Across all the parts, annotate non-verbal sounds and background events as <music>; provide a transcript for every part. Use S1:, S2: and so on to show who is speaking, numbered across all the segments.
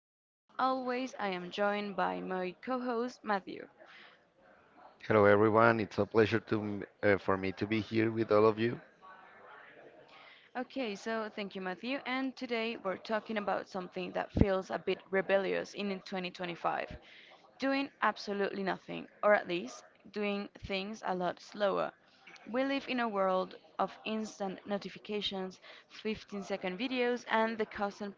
S1: and as always, I am joined by my co host, Matthew.
S2: Hello, everyone. It's a pleasure to for me to be here with all of you.
S1: Okay, so thank you, Matthew. And today we're talking about something that feels a bit rebellious in 2025. Doing absolutely nothing, or at least doing things a lot slower. We live in a world of instant notifications, 15-second videos, and the constant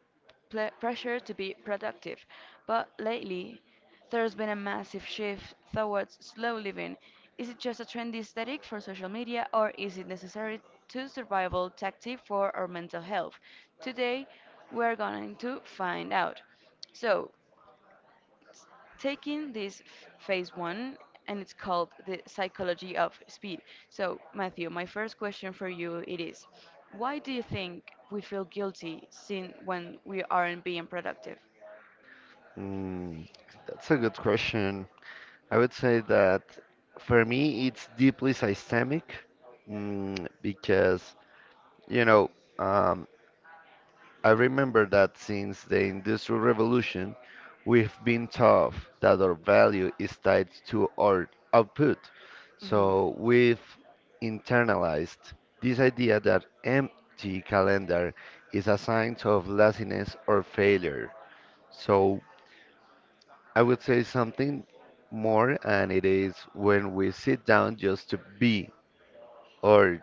S1: pressure to be productive. But lately, there's been a massive shift towards slow living. Is it just a trendy aesthetic for social media, or is it necessary to survival tactic for our mental health? Today, we're going to find out. So, taking this phase one, and it's called the psychology of speed. So Matthew, my first question for you, it is, why do you think we feel guilty sin when we aren't being productive?
S2: Mm, that's a good question. I would say that for me, it's deeply systemic because you know um, I remember that since the Industrial Revolution, we've been taught that our value is tied to our output.
S1: Hmm.
S2: So we've internalized this idea that empty calendar is a sign of laziness or failure. So I would say something more, and it is when we sit down just to be, or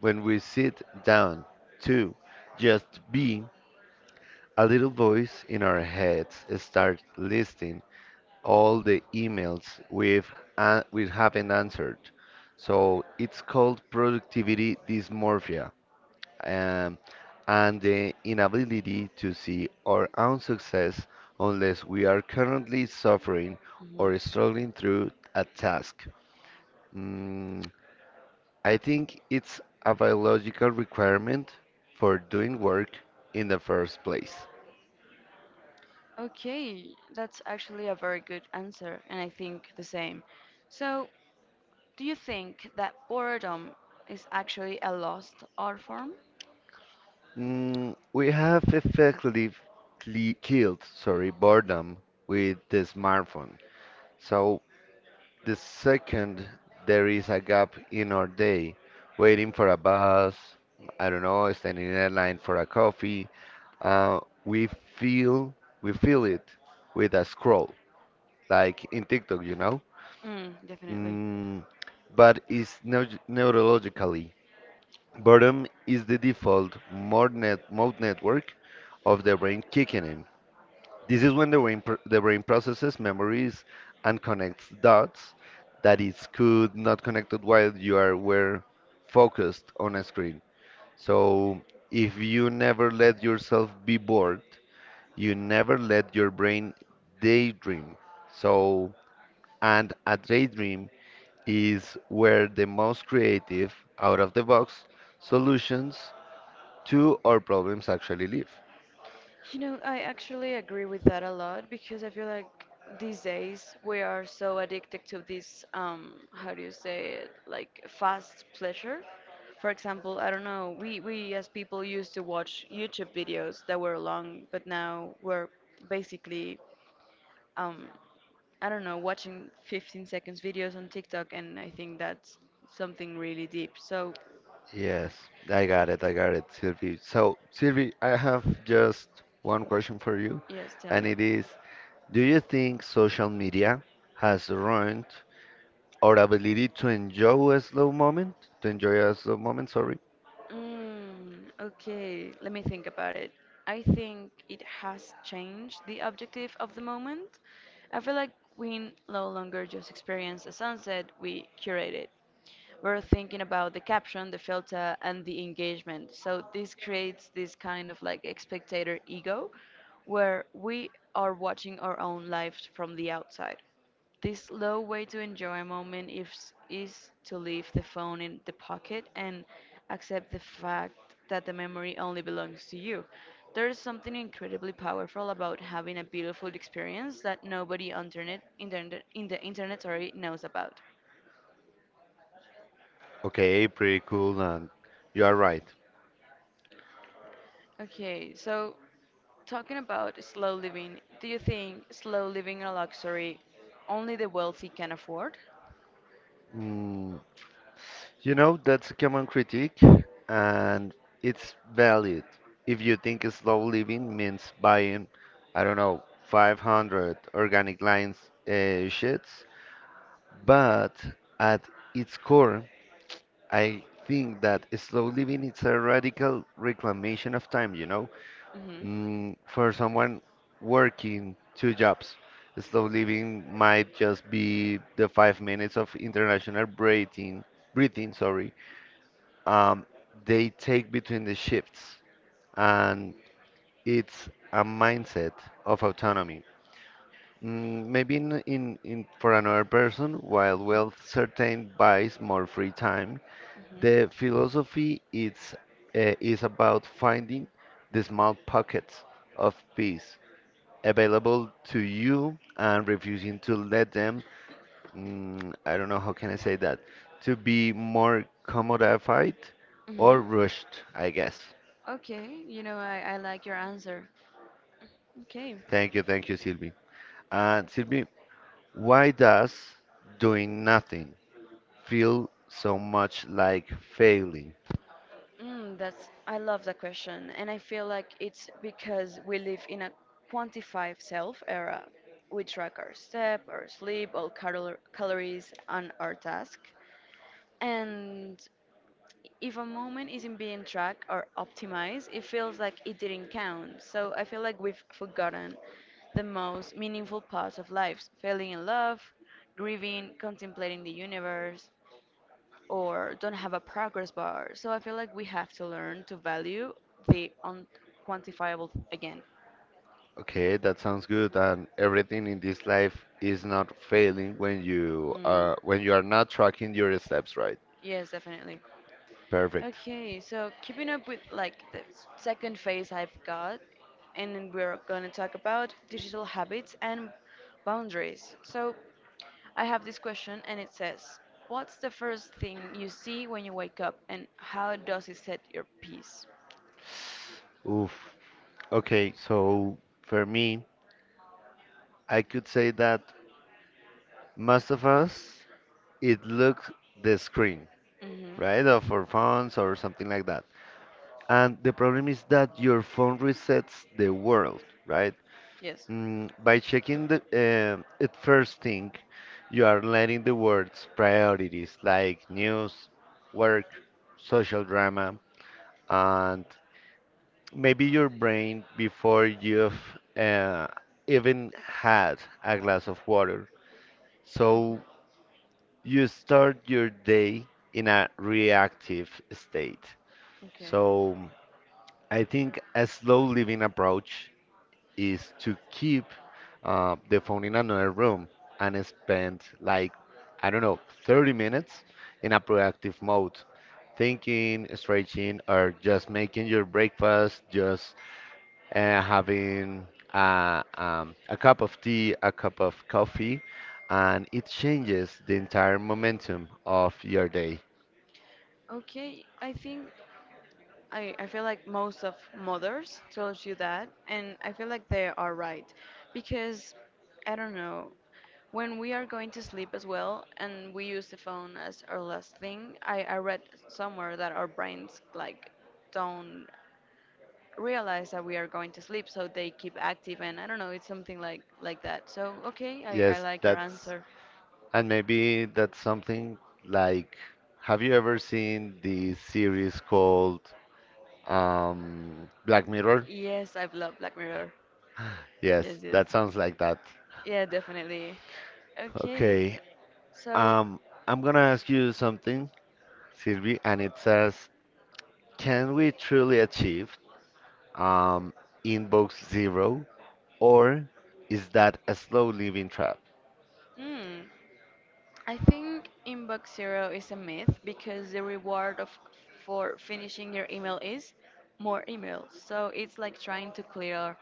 S2: when we sit down to just be, a little voice in our heads starts listing all the emails we haven't answered. So it's called productivity dysmorphia, um, and the inability to see our own success unless we are currently suffering
S1: Hmm.
S2: or struggling through a task. Mm, I think it's a biological requirement for doing work in the first place.
S1: Okay, that's actually a very good answer, and I think the same. So, do you think that boredom is actually a lost art form?
S2: Mm, we have effectively killed, sorry, boredom with the smartphone. So the second there is a gap in our day, waiting for a bus, I don't know, standing in a line for a coffee, uh, we feel we feel it with a scroll, like in TikTok, you know.
S1: Mm, definitely.
S2: Mm, but it's neurologically. Boredom is the default mode network of the brain kicking in. This is when the the brain processes memories and connects dots that is could not connected while you are were focused on a screen. So if you never let yourself be bored, you never let your brain daydream. So and a daydream is where the most creative out of the box solutions to our problems actually live.
S1: You know, I actually agree with that a lot because I feel like these days we are so addicted to this, how do you say it, like fast pleasure. For example, I don't know, we as people used to watch YouTube videos that were long, but now we're basically, um, I don't know, watching 15 seconds videos on TikTok, and I think that's something really deep. So
S2: Yes, I got it, Sylvie. So, Sylvie, I have just one question for you,
S1: yes, tell
S2: and
S1: me.
S2: it is, do you think social media has ruined our ability to enjoy a slow moment? To enjoy a slow moment, sorry.
S1: Mm, okay, let me think about it. I think it has changed the objective of the moment. I feel like we no longer just experience a sunset, we curate it. We're thinking about the caption, the filter, and the engagement. So this creates this kind of like spectator ego where we are watching our own lives from the outside. This low way to enjoy a moment is to leave the phone in the pocket and accept the fact that the memory only belongs to you. There is something incredibly powerful about having a beautiful experience that nobody on internet, internet, in the internet sorry, knows about.
S2: Okay, pretty cool, and you are right.
S1: Okay, so talking about slow living, do you think slow living a luxury only the wealthy can afford?
S2: Mm, You know, that's a common critique, and it's valid. If you think slow living means buying, I don't know, 500 organic lines sheds, but at its core, I think that slow living is a radical reclamation of time, you know,
S1: Hmm.
S2: mm, for someone working two jobs. Slow living might just be the 5 minutes of international breathing, sorry, um, they take between the shifts and it's a mindset of autonomy. Mm, maybe in for another person, while wealth certain buys more free time, the
S1: Hmm.
S2: philosophy it's, uh, is about finding the small pockets of peace available to you and refusing to let them, mm, I don't know how can I say that, to be more commodified or
S1: Hmm.
S2: rushed, I guess.
S1: Okay, you know, I like your answer. Okay,
S2: Thank you, Sylvie. And Sylvie, why does doing nothing feel so much like failing?
S1: mm, that's I love that question, and I feel like it's because we live in a quantified self era. We track our step, our sleep, all calories, and our task. And if a moment isn't being tracked or optimized, it feels like it didn't count. So I feel like we've forgotten the most meaningful parts of life falling in love, grieving, contemplating the universe, or don't have a progress bar. So I feel like we have to learn to value the unquantifiable again.
S2: Okay, that sounds good. And everything in this life is not failing
S1: Mm,
S2: when you are not tracking your steps, right.
S1: yes, definitely.
S2: Perfect.
S1: Okay, so keeping up with like the second phase I've got, and then we're going to talk about digital habits and boundaries. So I have this question, and it says, "What's the first thing you see when you wake up, and how does it set your peace?"
S2: Oof. Okay, so for me, I could say that most of us it looks the screen,
S1: Hmm.
S2: right? Of our phones or something like that. And the problem is that your phone resets the world, right?
S1: Yes.
S2: Mm, by checking the it first thing, you are letting the world's priorities like news, work, social drama, and maybe your brain before you've even had a glass of water. So you start your day in a reactive state.
S1: Okay.
S2: So I think a slow living approach is to keep the phone in another room and spend like, I don't know, 30 minutes in a proactive mode, thinking, stretching, or just making your breakfast, just having a cup of tea, a cup of coffee, and it changes the entire momentum of your day.
S1: Okay, I think I feel like most of mothers tells you that, and I feel like they are right because I don't know when we are going to sleep as well and we use the phone as our last thing. I read somewhere that our brains like don't realize that we are going to sleep, so they keep active, and I don't know, it's something like that. So okay, I
S2: Yes,
S1: like your
S2: that's,
S1: answer.
S2: and maybe that's something like, have you ever seen the series called Black Mirror.
S1: Yes, I've loved Black Mirror.
S2: Yes,
S1: Yes, yes.
S2: that sounds like that.
S1: Yeah, definitely. Okay.
S2: Okay.
S1: So,
S2: Um, I'm gonna ask you something, Sylvie, and it says, can we truly achieve um inbox zero, or is that a slow living trap?
S1: hmm, I think inbox zero is a myth because the reward of for finishing your email is more emails. So it's like trying to clear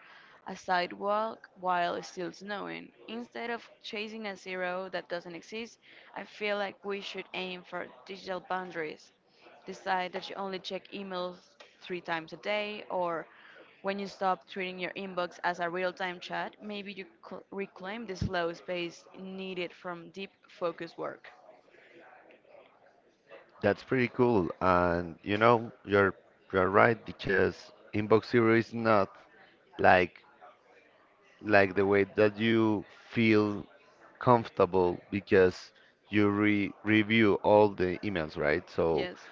S1: a sidewalk while it's still snowing. Instead of chasing a zero that doesn't exist, I feel like we should aim for digital boundaries. Decide that you only check emails three times a day, or when you stop treating your inbox as a real time chat, maybe you reclaim the slow space needed from deep focus work.
S2: That's pretty cool, and you know, you're right because inbox zero is not like like the way that you feel comfortable because you re review all the emails, right? So
S1: Yes.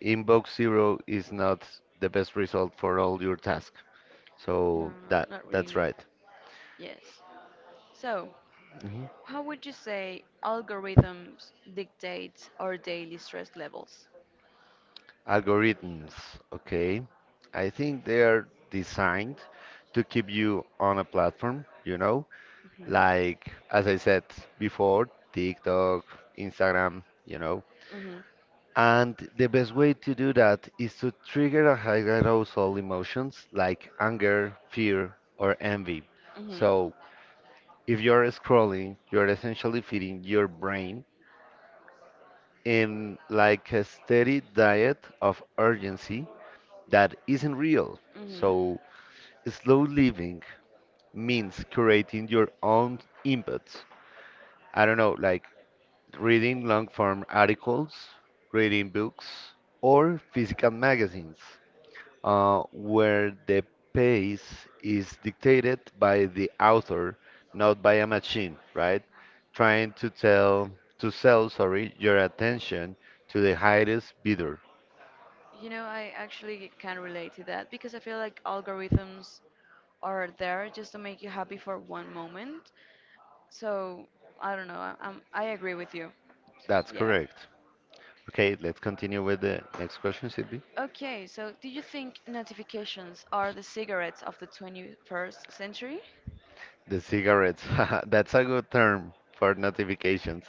S2: inbox zero is not the best result for all your tasks.
S1: No,
S2: So
S1: no, not
S2: that's
S1: really.
S2: right.
S1: Yes. So,
S2: Mhm.
S1: how would you say algorithms dictate our daily stress levels?
S2: Algorithms, okay. I think they are designed to keep you on a platform, you know,
S1: Hmm.
S2: like as I said before, TikTok, Instagram, you know.
S1: Hmm.
S2: And the best way to do that is to trigger a high arousal emotions like anger, fear, or envy.
S1: Hmm.
S2: So if you're scrolling, you're essentially feeding your brain in like a steady diet of urgency that isn't real.
S1: Hmm.
S2: So slow living means creating your own inputs. I don't know, like reading long form articles, reading books, or physical magazines. Where the pace is dictated by the author, not by a machine, right? Trying to tell to sell, sorry, your attention to the highest bidder.
S1: You know, I actually can relate to that because I feel like algorithms are there just to make you happy for one moment. So I don't know. I agree with you.
S2: That's
S1: Yeah.
S2: correct. Okay, let's continue with the next question, Sylvie.
S1: Okay, so do you think notifications are the cigarettes of the 21st century?
S2: The cigarettes. <laughs> That's a good term for notifications.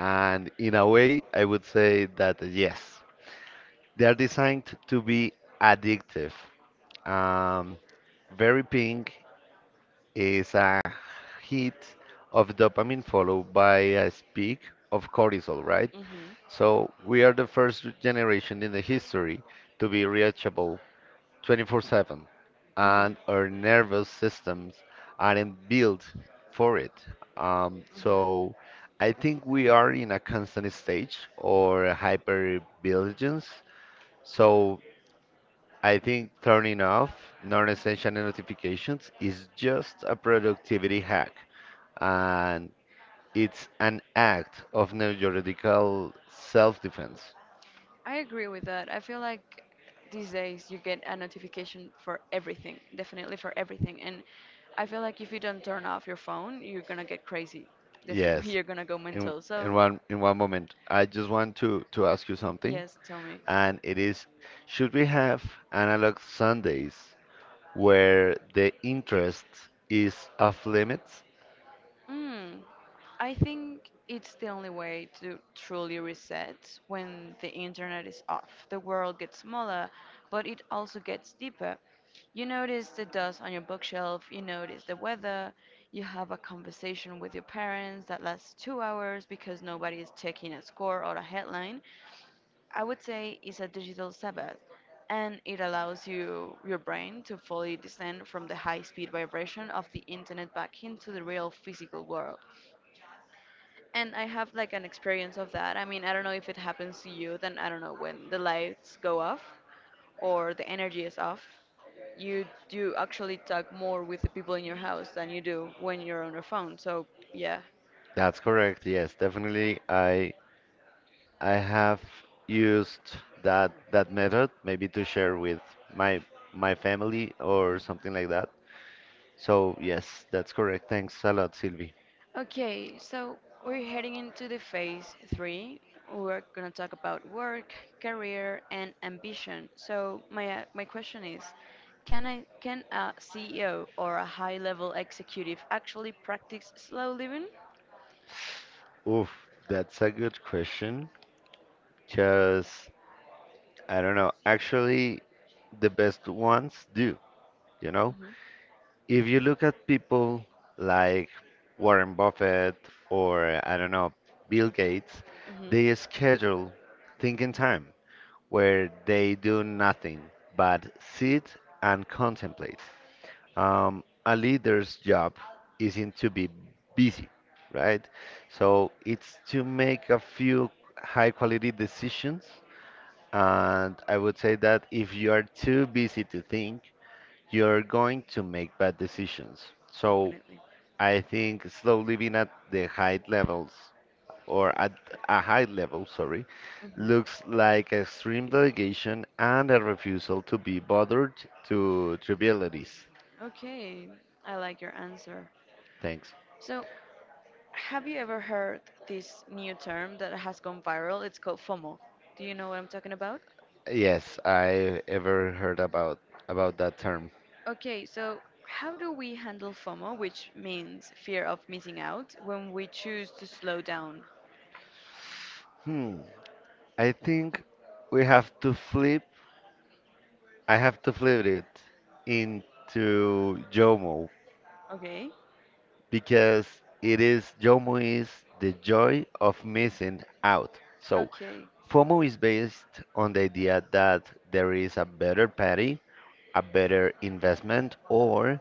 S2: And in a way, I would say that yes, they are designed to be addictive. Um, Very pink is a hit of dopamine followed by a peak of cortisol, right?
S1: Mhm.
S2: So we are the first generation in the history to be reachable 24/7,
S1: Mhm. Mhm.
S2: and our nervous systems aren't built for it.
S1: Mhm.
S2: So I think we are in a constant stage or hypervigilance. So I think turning off non-essential notifications is just a productivity hack and it's an act of neurological self-defense.
S1: I agree with that. I feel like these days you get a notification for everything, definitely for everything. And I feel like if you don't turn off your phone, you're gonna get crazy. Definitely, <laughs>
S2: Yes,
S1: you're gonna go
S2: in
S1: mental. So,
S2: in one moment, I just want to ask you something,
S1: yes, tell me.
S2: and it is, should we have analog Sundays where the interest is off limits?
S1: Mm, I think it's the only way to truly reset when the internet is off. The world gets smaller, but it also gets deeper. You notice the dust on your bookshelf, you notice the weather, you have a conversation with your parents that lasts 2 hours because nobody is checking a score or a headline. I would say it's a digital Sabbath, and it allows you your brain to fully descend from the high-speed vibration of the internet back into the real physical world. And I have like an experience of that. I mean, I don't know if it happens to you, then I don't know when the lights go off or the energy is off. You do actually talk more with the people in your house than you do when you're on your phone. So, yeah.
S2: That's correct. Yes, definitely. I have used that method maybe to share with my my family or something like that. So, yes, that's correct. Thanks a lot, Sylvie.
S1: Okay, so we're heading into the phase three. We're gonna talk about work, career, and ambition. So my my question is, can a CEO or a high-level executive actually practice slow living?
S2: Oof, that's a good question. Because, I don't know, actually, the best ones do, you know?
S1: Hmm.
S2: If you look at people like Warren Buffett or, I don't know, Bill Gates,
S1: Hmm.
S2: they schedule thinking time where they do nothing but sit and contemplate. A leader's job isn't to be busy, right? So it's to make a few high quality decisions. And I would say that if you are too busy to think, you're going to make bad decisions. So
S1: Definitely.
S2: I think slowly being at the high levels or at a high level, sorry,
S1: Hmm.
S2: looks like extreme delegation and a refusal to be bothered to trivialities.
S1: Okay, I like your answer.
S2: Thanks.
S1: So, have you ever heard this new term that has gone viral? It's called FOMO. Do you know what I'm talking about?
S2: Yes, I ever heard about that term.
S1: Okay, so how do we handle FOMO, which means fear of missing out, when we choose to slow down?
S2: Hmm. I think we have to flip. I have to flip it into JOMO
S1: Okay.
S2: because it is JOMO is the joy of missing out. So
S1: Okay.
S2: FOMO is based on the idea that there is a better party a better investment or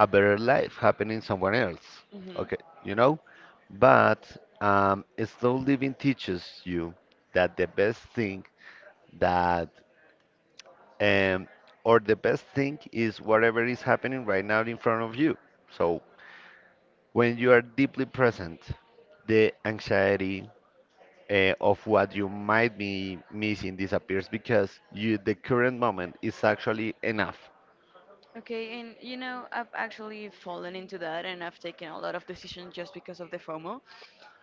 S2: a better life happening somewhere else.
S1: Hmm.
S2: Okay, you know? But slow living teaches you that the best thing that, um, or the best thing is whatever is happening right now in front of you. So when you are deeply present, the anxiety of what you might be missing disappears because you the current moment is actually enough.
S1: Okay, and you know, I've actually fallen into that and I've taken a lot of decisions just because of the FOMO.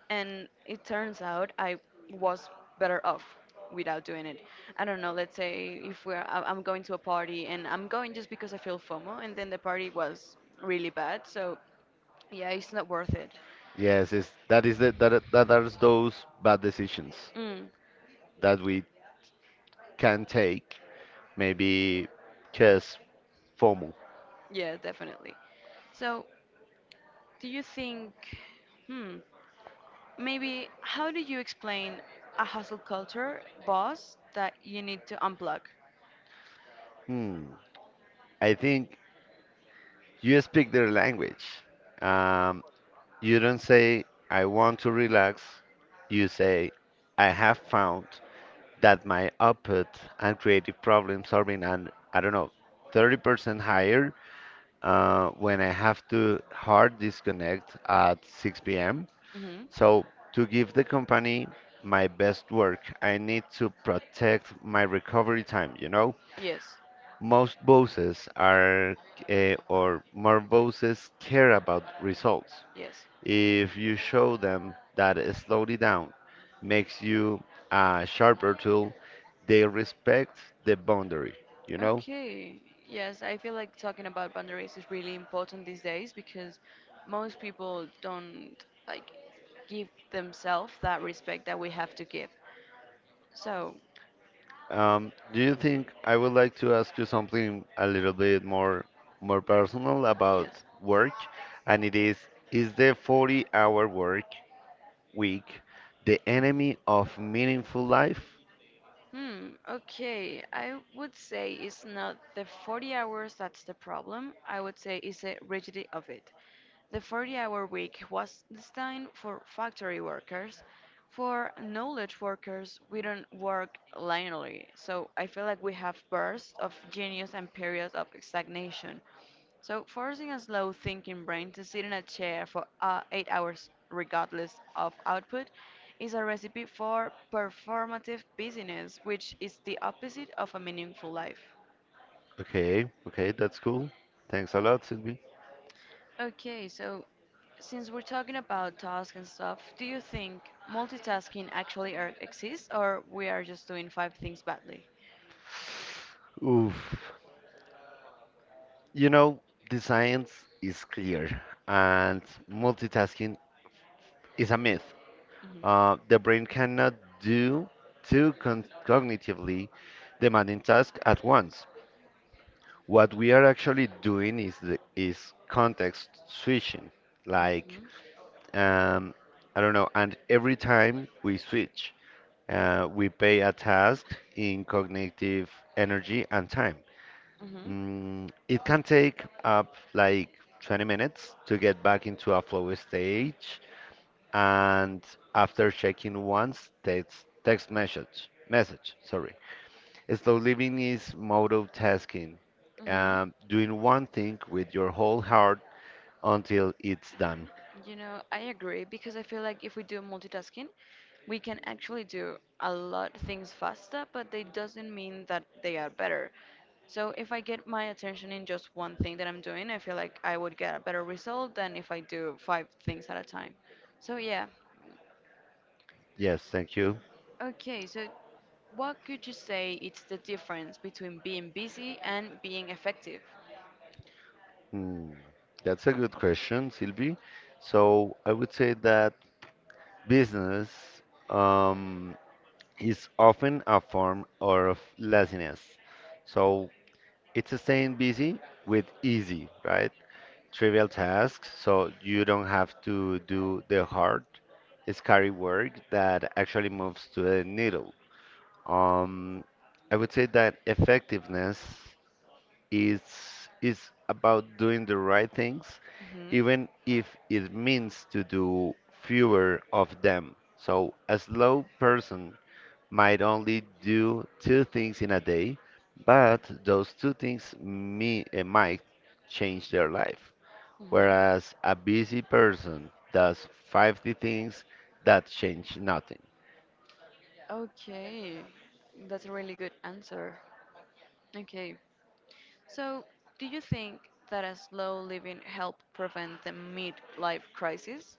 S1: And it turns out I was better off without doing it. I don't know, let's say if I'm going to a party and I'm going just because I feel FOMO and then the party was really bad. So, yeah, it's not worth it.
S2: Yes, it's, that is the, that, that are those bad decisions
S1: Mm,
S2: that we can take. Maybe just FOMO.
S1: yeah, definitely. So, do you think, hmm, maybe how do you explain a hustle culture boss that you need to unplug?
S2: Hmm. I think you speak their language. Um, you don't say, I want to relax. You say, I have found that my output and creative problem solving and I don't know, 30% higher when I have to hard disconnect at 6 p.m.
S1: Hmm.
S2: So, to give the company my best work, I need to protect my recovery time, you know?
S1: Yes,
S2: Most bosses are, or more bosses care about results.
S1: yes.
S2: If you show them that slowly down makes you a sharper tool, they respect the boundary, you know?
S1: Okay. Yes, I feel like talking about boundaries is really important these days because most people don't like give themselves that respect that we have to give. So,
S2: Do you think I would like to ask you something a little bit more personal about
S1: yes.
S2: work? And it is the 40-hour work week the enemy of meaningful life?
S1: Hmm, okay. I would say it's not the 40 hours that's the problem. I would say it's the rigidity of it. The 40-hour week was designed for factory workers, for knowledge workers. We don't work linearly, so I feel like we have bursts of genius and periods of stagnation. So forcing a slow thinking brain to sit in a chair for 8 hours regardless of output is a recipe for performative busyness, which is the opposite of a meaningful life.
S2: Okay, that's cool. Thanks a lot, Sylvie.
S1: Okay, so since we're talking about tasks and stuff, do you think multitasking actually exists or we are just doing five things badly?
S2: Oof. You know, the science is clear and multitasking is a myth.
S1: Hmm.
S2: The brain cannot do cognitively demanding tasks at once. What we are actually doing is context switching. Like um, I don't know, and every time we switch, we pay a task in cognitive energy and time.
S1: Hmm.
S2: Mm, it can take up like 20 minutes to get back into a flow stage and after checking once, text message. Sorry, slow living is multitasking,
S1: Hmm. Hmm.
S2: doing one thing with your whole heart until it's done.
S1: You know, I agree because I feel like if we do multitasking, we can actually do a lot things faster, but they doesn't mean that they are better. So if I get my attention in just one thing that I'm doing, I feel like I would get a better result than if I do five things at a time. So yeah.
S2: Yes, thank you.
S1: Okay, so what could you say it's the difference between being busy and being effective?
S2: Hmm, that's a good question, Sylvie. So I would say that business um, is often a form or of laziness. So it's staying busy with easy, right? Trivial tasks, so you don't have to do the hard, scary work that actually moves to the needle. Um, I would say that effectiveness. It's about doing the right things,
S1: Mhm.
S2: even if it means to do fewer of them. So a slow person might only do two things in a day, but those two things might change their life.
S1: Mhm.
S2: Whereas a busy person does 50 things that change nothing.
S1: Okay, that's a really good answer. Okay, so do you think that a slow living help prevent the midlife crisis?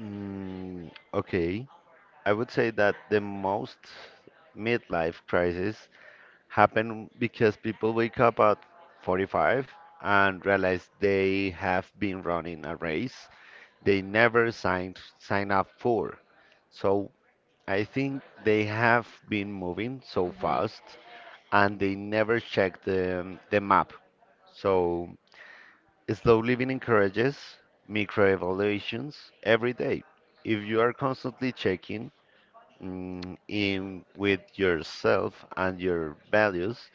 S2: Okay, I would say that the most midlife crisis happen because people wake up at 45 and realize they have been running a race they never sign up for. So I think they have been moving so
S1: Mhm.
S2: fast and they never check the map. So slow living encourages microevaluations every day. If you are constantly checking in with yourself and your values,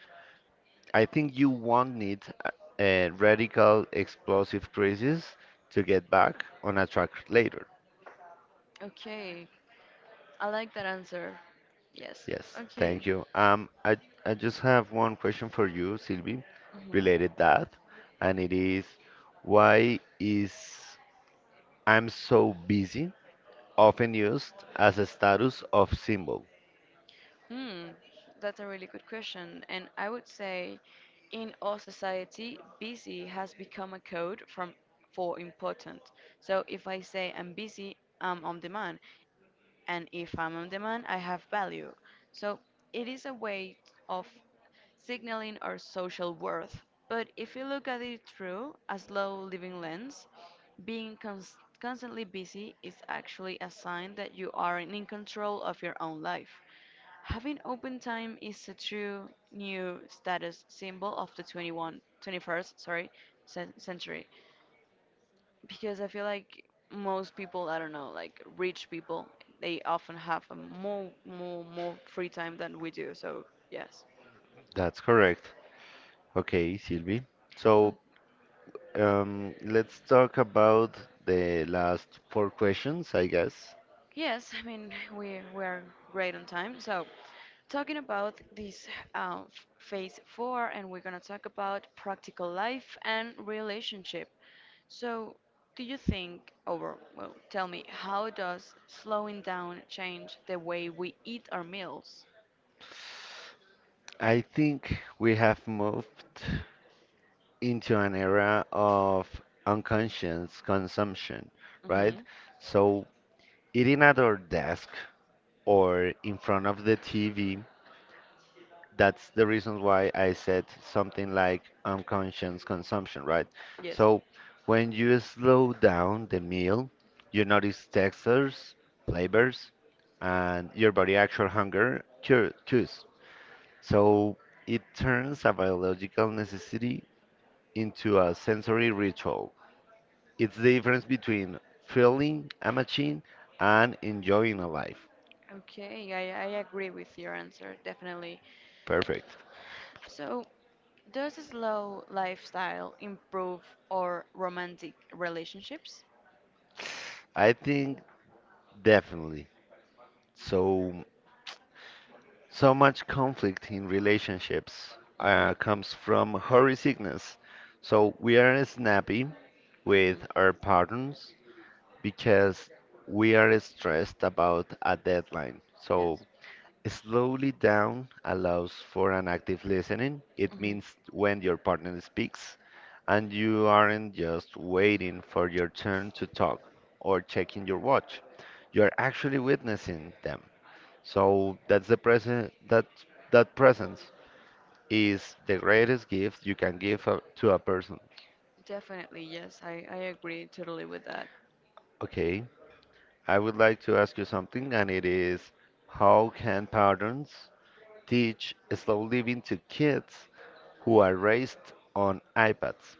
S2: I think you won't need a radical explosive crisis to get back on a track later.
S1: Okay, I like that answer. Yes.
S2: Yes,
S1: Okay.
S2: thank you. I just have one question for you, Sylvie,
S1: Mhm.
S2: related that, and it is why is I'm so busy often used as a status of symbol.
S1: Hmm, that's a really good question. And I would say in our society, busy has become a code from for important. So if I say I'm busy, I'm on demand. And if I'm on demand, I have value. So it is a way of signaling our social worth. But if you look at it through a slow living lens, being constantly busy is actually a sign that you aren't in control of your own life. Having open time is a true new status symbol of the 20 one 21st sorry, century. Because I feel like most people, I don't know, like rich people, they often have a more, more free time than we do. So, yes.
S2: That's correct. Okay, Sylvie.
S1: O-
S2: So
S1: o-
S2: let's talk about the last four questions, I guess.
S1: Yes, I mean we are great on time. So, talking about this phase four, and we're gonna talk about practical life and relationship. So, do you think, or well, tell me, how does slowing down change the way we eat our meals?
S2: I think we have moved into an era of unconscious consumption, right?
S1: Mm-hmm.
S2: So eating at our desk or in front of the TV, that's the reason why I said something like unconscious consumption, right?
S1: Yes.
S2: So when you slow down the meal, you notice textures, flavors, and your body actual hunger cues. So it turns a biological necessity into a sensory ritual. It's the difference between filling a machine and enjoying a life.
S1: Okay, I agree with your answer, definitely.
S2: Perfect.
S1: So, does a slow lifestyle improve our romantic relationships?
S2: I think definitely. So so much conflict in relationships
S1: Mm-hmm.
S2: comes from hurry sickness. So we are snappy with our
S1: Mm-hmm.
S2: partners because we are stressed about a deadline.
S1: Yes.
S2: So slowly down allows for an active listening. It
S1: Mm-hmm.
S2: means when your partner speaks and you aren't just waiting for your turn to talk or checking your watch. You're actually witnessing them. So that's the present that that presence is the greatest gift you can give a, to a person.
S1: Definitely, yes. I agree totally with that.
S2: Okay, I would like to ask you something, and it is how can parents teach slow living to kids who are raised on iPads?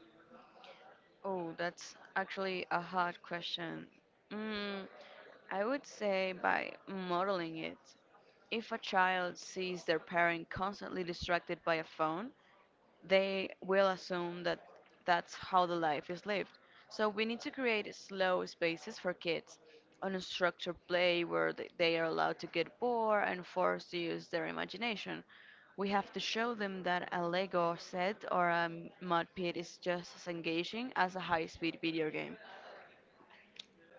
S1: Oh, that's actually a hard question. Mm, I would say by modeling it. If a child sees their parent constantly distracted by a phone, they will assume that that's how the life is lived. So we need to create slow spaces for kids, unstructured play where they are allowed to get bored and forced to use their imagination. We have to show them that a Lego set or a mud pit is just as engaging as a high-speed video game.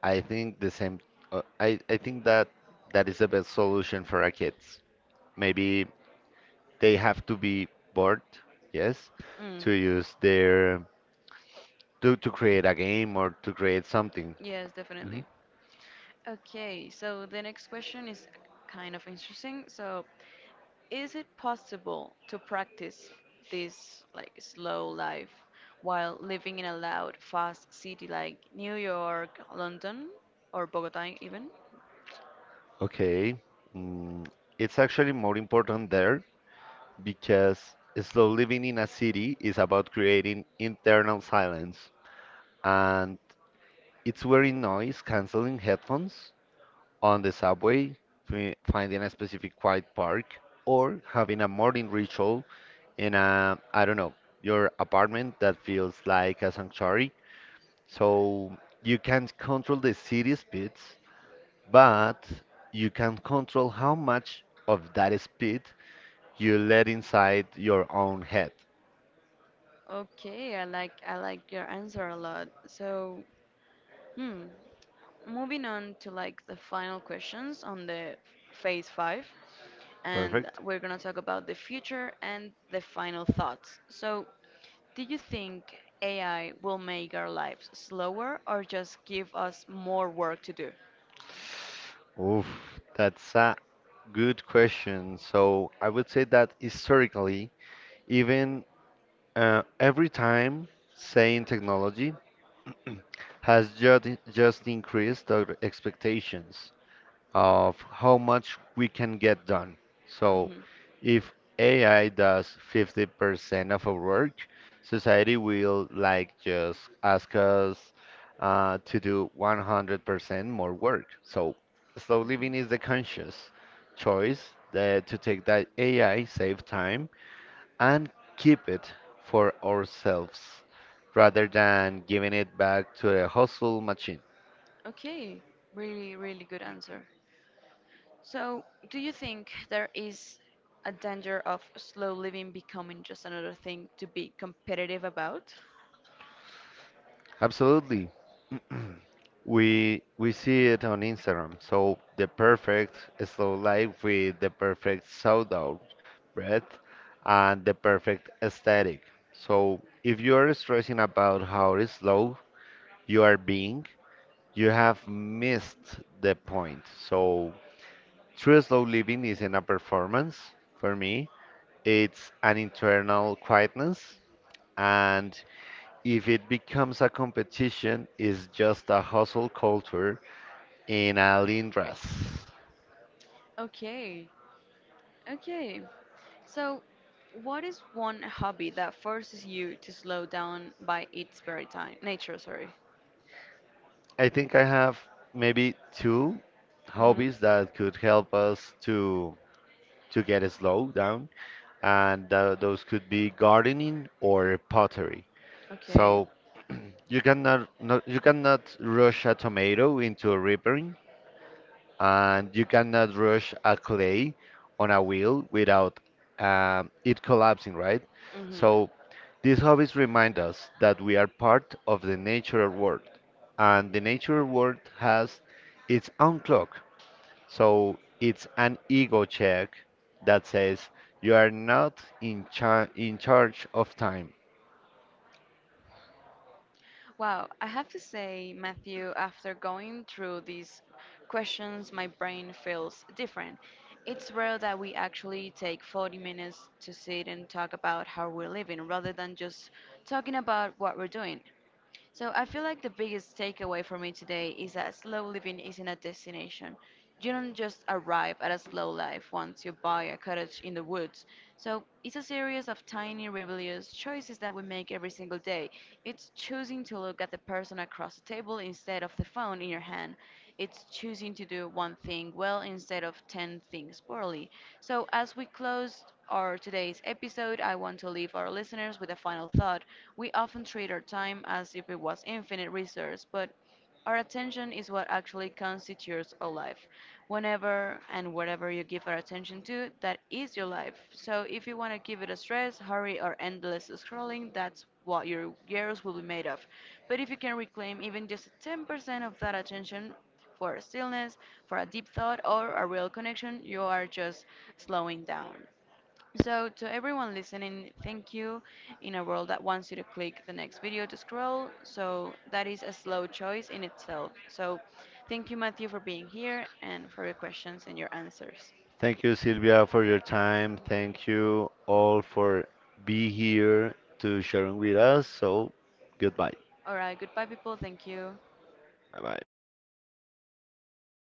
S2: I think the same. I think that that is the best solution for our kids. Maybe they have to be bored, yes,
S1: Mm.
S2: to use their to create a game or to create something.
S1: Yes, definitely.
S2: Mhm.
S1: Okay, so the next question is kind of interesting. So, is it possible to practice this like slow life while living in a loud, fast city like New York, London, or Bogota even?
S2: Okay, mm, it's actually more important there because slow living in a city is about creating internal silence, and it's wearing noise canceling headphones on the subway, finding a specific quiet park, or having a morning ritual in a I don't know your apartment that feels like a sanctuary. So you can't control the city speeds, but you can control how much of that speed you let inside your own head.
S1: Okay, I like your answer a lot. So, hmm, moving on to like the final questions on the phase five, and
S2: Perfect?
S1: we're gonna talk about the future and the final thoughts. So, do you think AI will make our lives slower or just give us more work to do?
S2: Oof, that's a good question. So I would say that historically, even every time saying technology <clears throat> has just increased our expectations of how much we can get done. So
S1: hmm
S2: if AI does 50% of our work, society will like just ask us to do 100% more work. So slow living is the conscious choice that to take that AI, save time, and keep it for ourselves rather than giving it back to a hustle machine.
S1: Okay, really, really good answer. So, do you think there is a danger of slow living becoming just another thing to be competitive about?
S2: Absolutely. We see it on Instagram. So the perfect slow life with the perfect sound out breath and the perfect aesthetic. So if you are stressing about how slow you are being, you have missed the point. So true slow living isn't a performance for me. It's an internal quietness and if it becomes a competition, it's just a hustle culture in Alindras.
S1: Okay, okay. So, what is one hobby that forces you to slow down by its very time? Nature, sorry.
S2: I think I have maybe two
S1: hmm
S2: hobbies that could help us to get slow down, and those could be gardening or pottery.
S1: Okay.
S2: So you cannot not, you cannot rush a tomato into a ripening, and you cannot rush a clay on a wheel without it collapsing, right?
S1: hmm
S2: So these hobbies remind us that we are part of the natural world, and the natural world has its own clock. So it's an ego check that says you are not in, in charge of time.
S1: Wow, I have to say, Matthew, after going through these questions, my brain feels different. It's rare that we actually take 40 minutes to sit and talk about how we're living rather than just talking about what we're doing. So I feel like the biggest takeaway for me today is that slow living isn't a destination. You don't just arrive at a slow life once you buy a cottage in the woods. So it's a series of tiny rebellious choices that we make every single day. It's choosing to look at the person across the table instead of the phone in your hand. It's choosing to do one thing well instead of 10 things poorly. So as we close our today's episode, I want to leave our listeners with a final thought. We often treat our time as if it was infinite resource, but our attention is what actually constitutes our life. Whenever and whatever you give our attention to, that is your life. So if you want to give it a stress, hurry, or endless scrolling, that's what your years will be made of. But if you can reclaim even just 10% of that attention for stillness, for a deep thought, or a real connection, you are just slowing down. So, to everyone listening, thank you. In a world that wants you to click the next video to scroll, so that is a slow choice in itself. So, thank you, Matthew, for being here and for your questions and your answers.
S2: Thank you, Silvia, for your time. Thank you all for being here to sharing with us. So, goodbye.
S1: All right, goodbye, people. Thank you.
S2: Bye bye.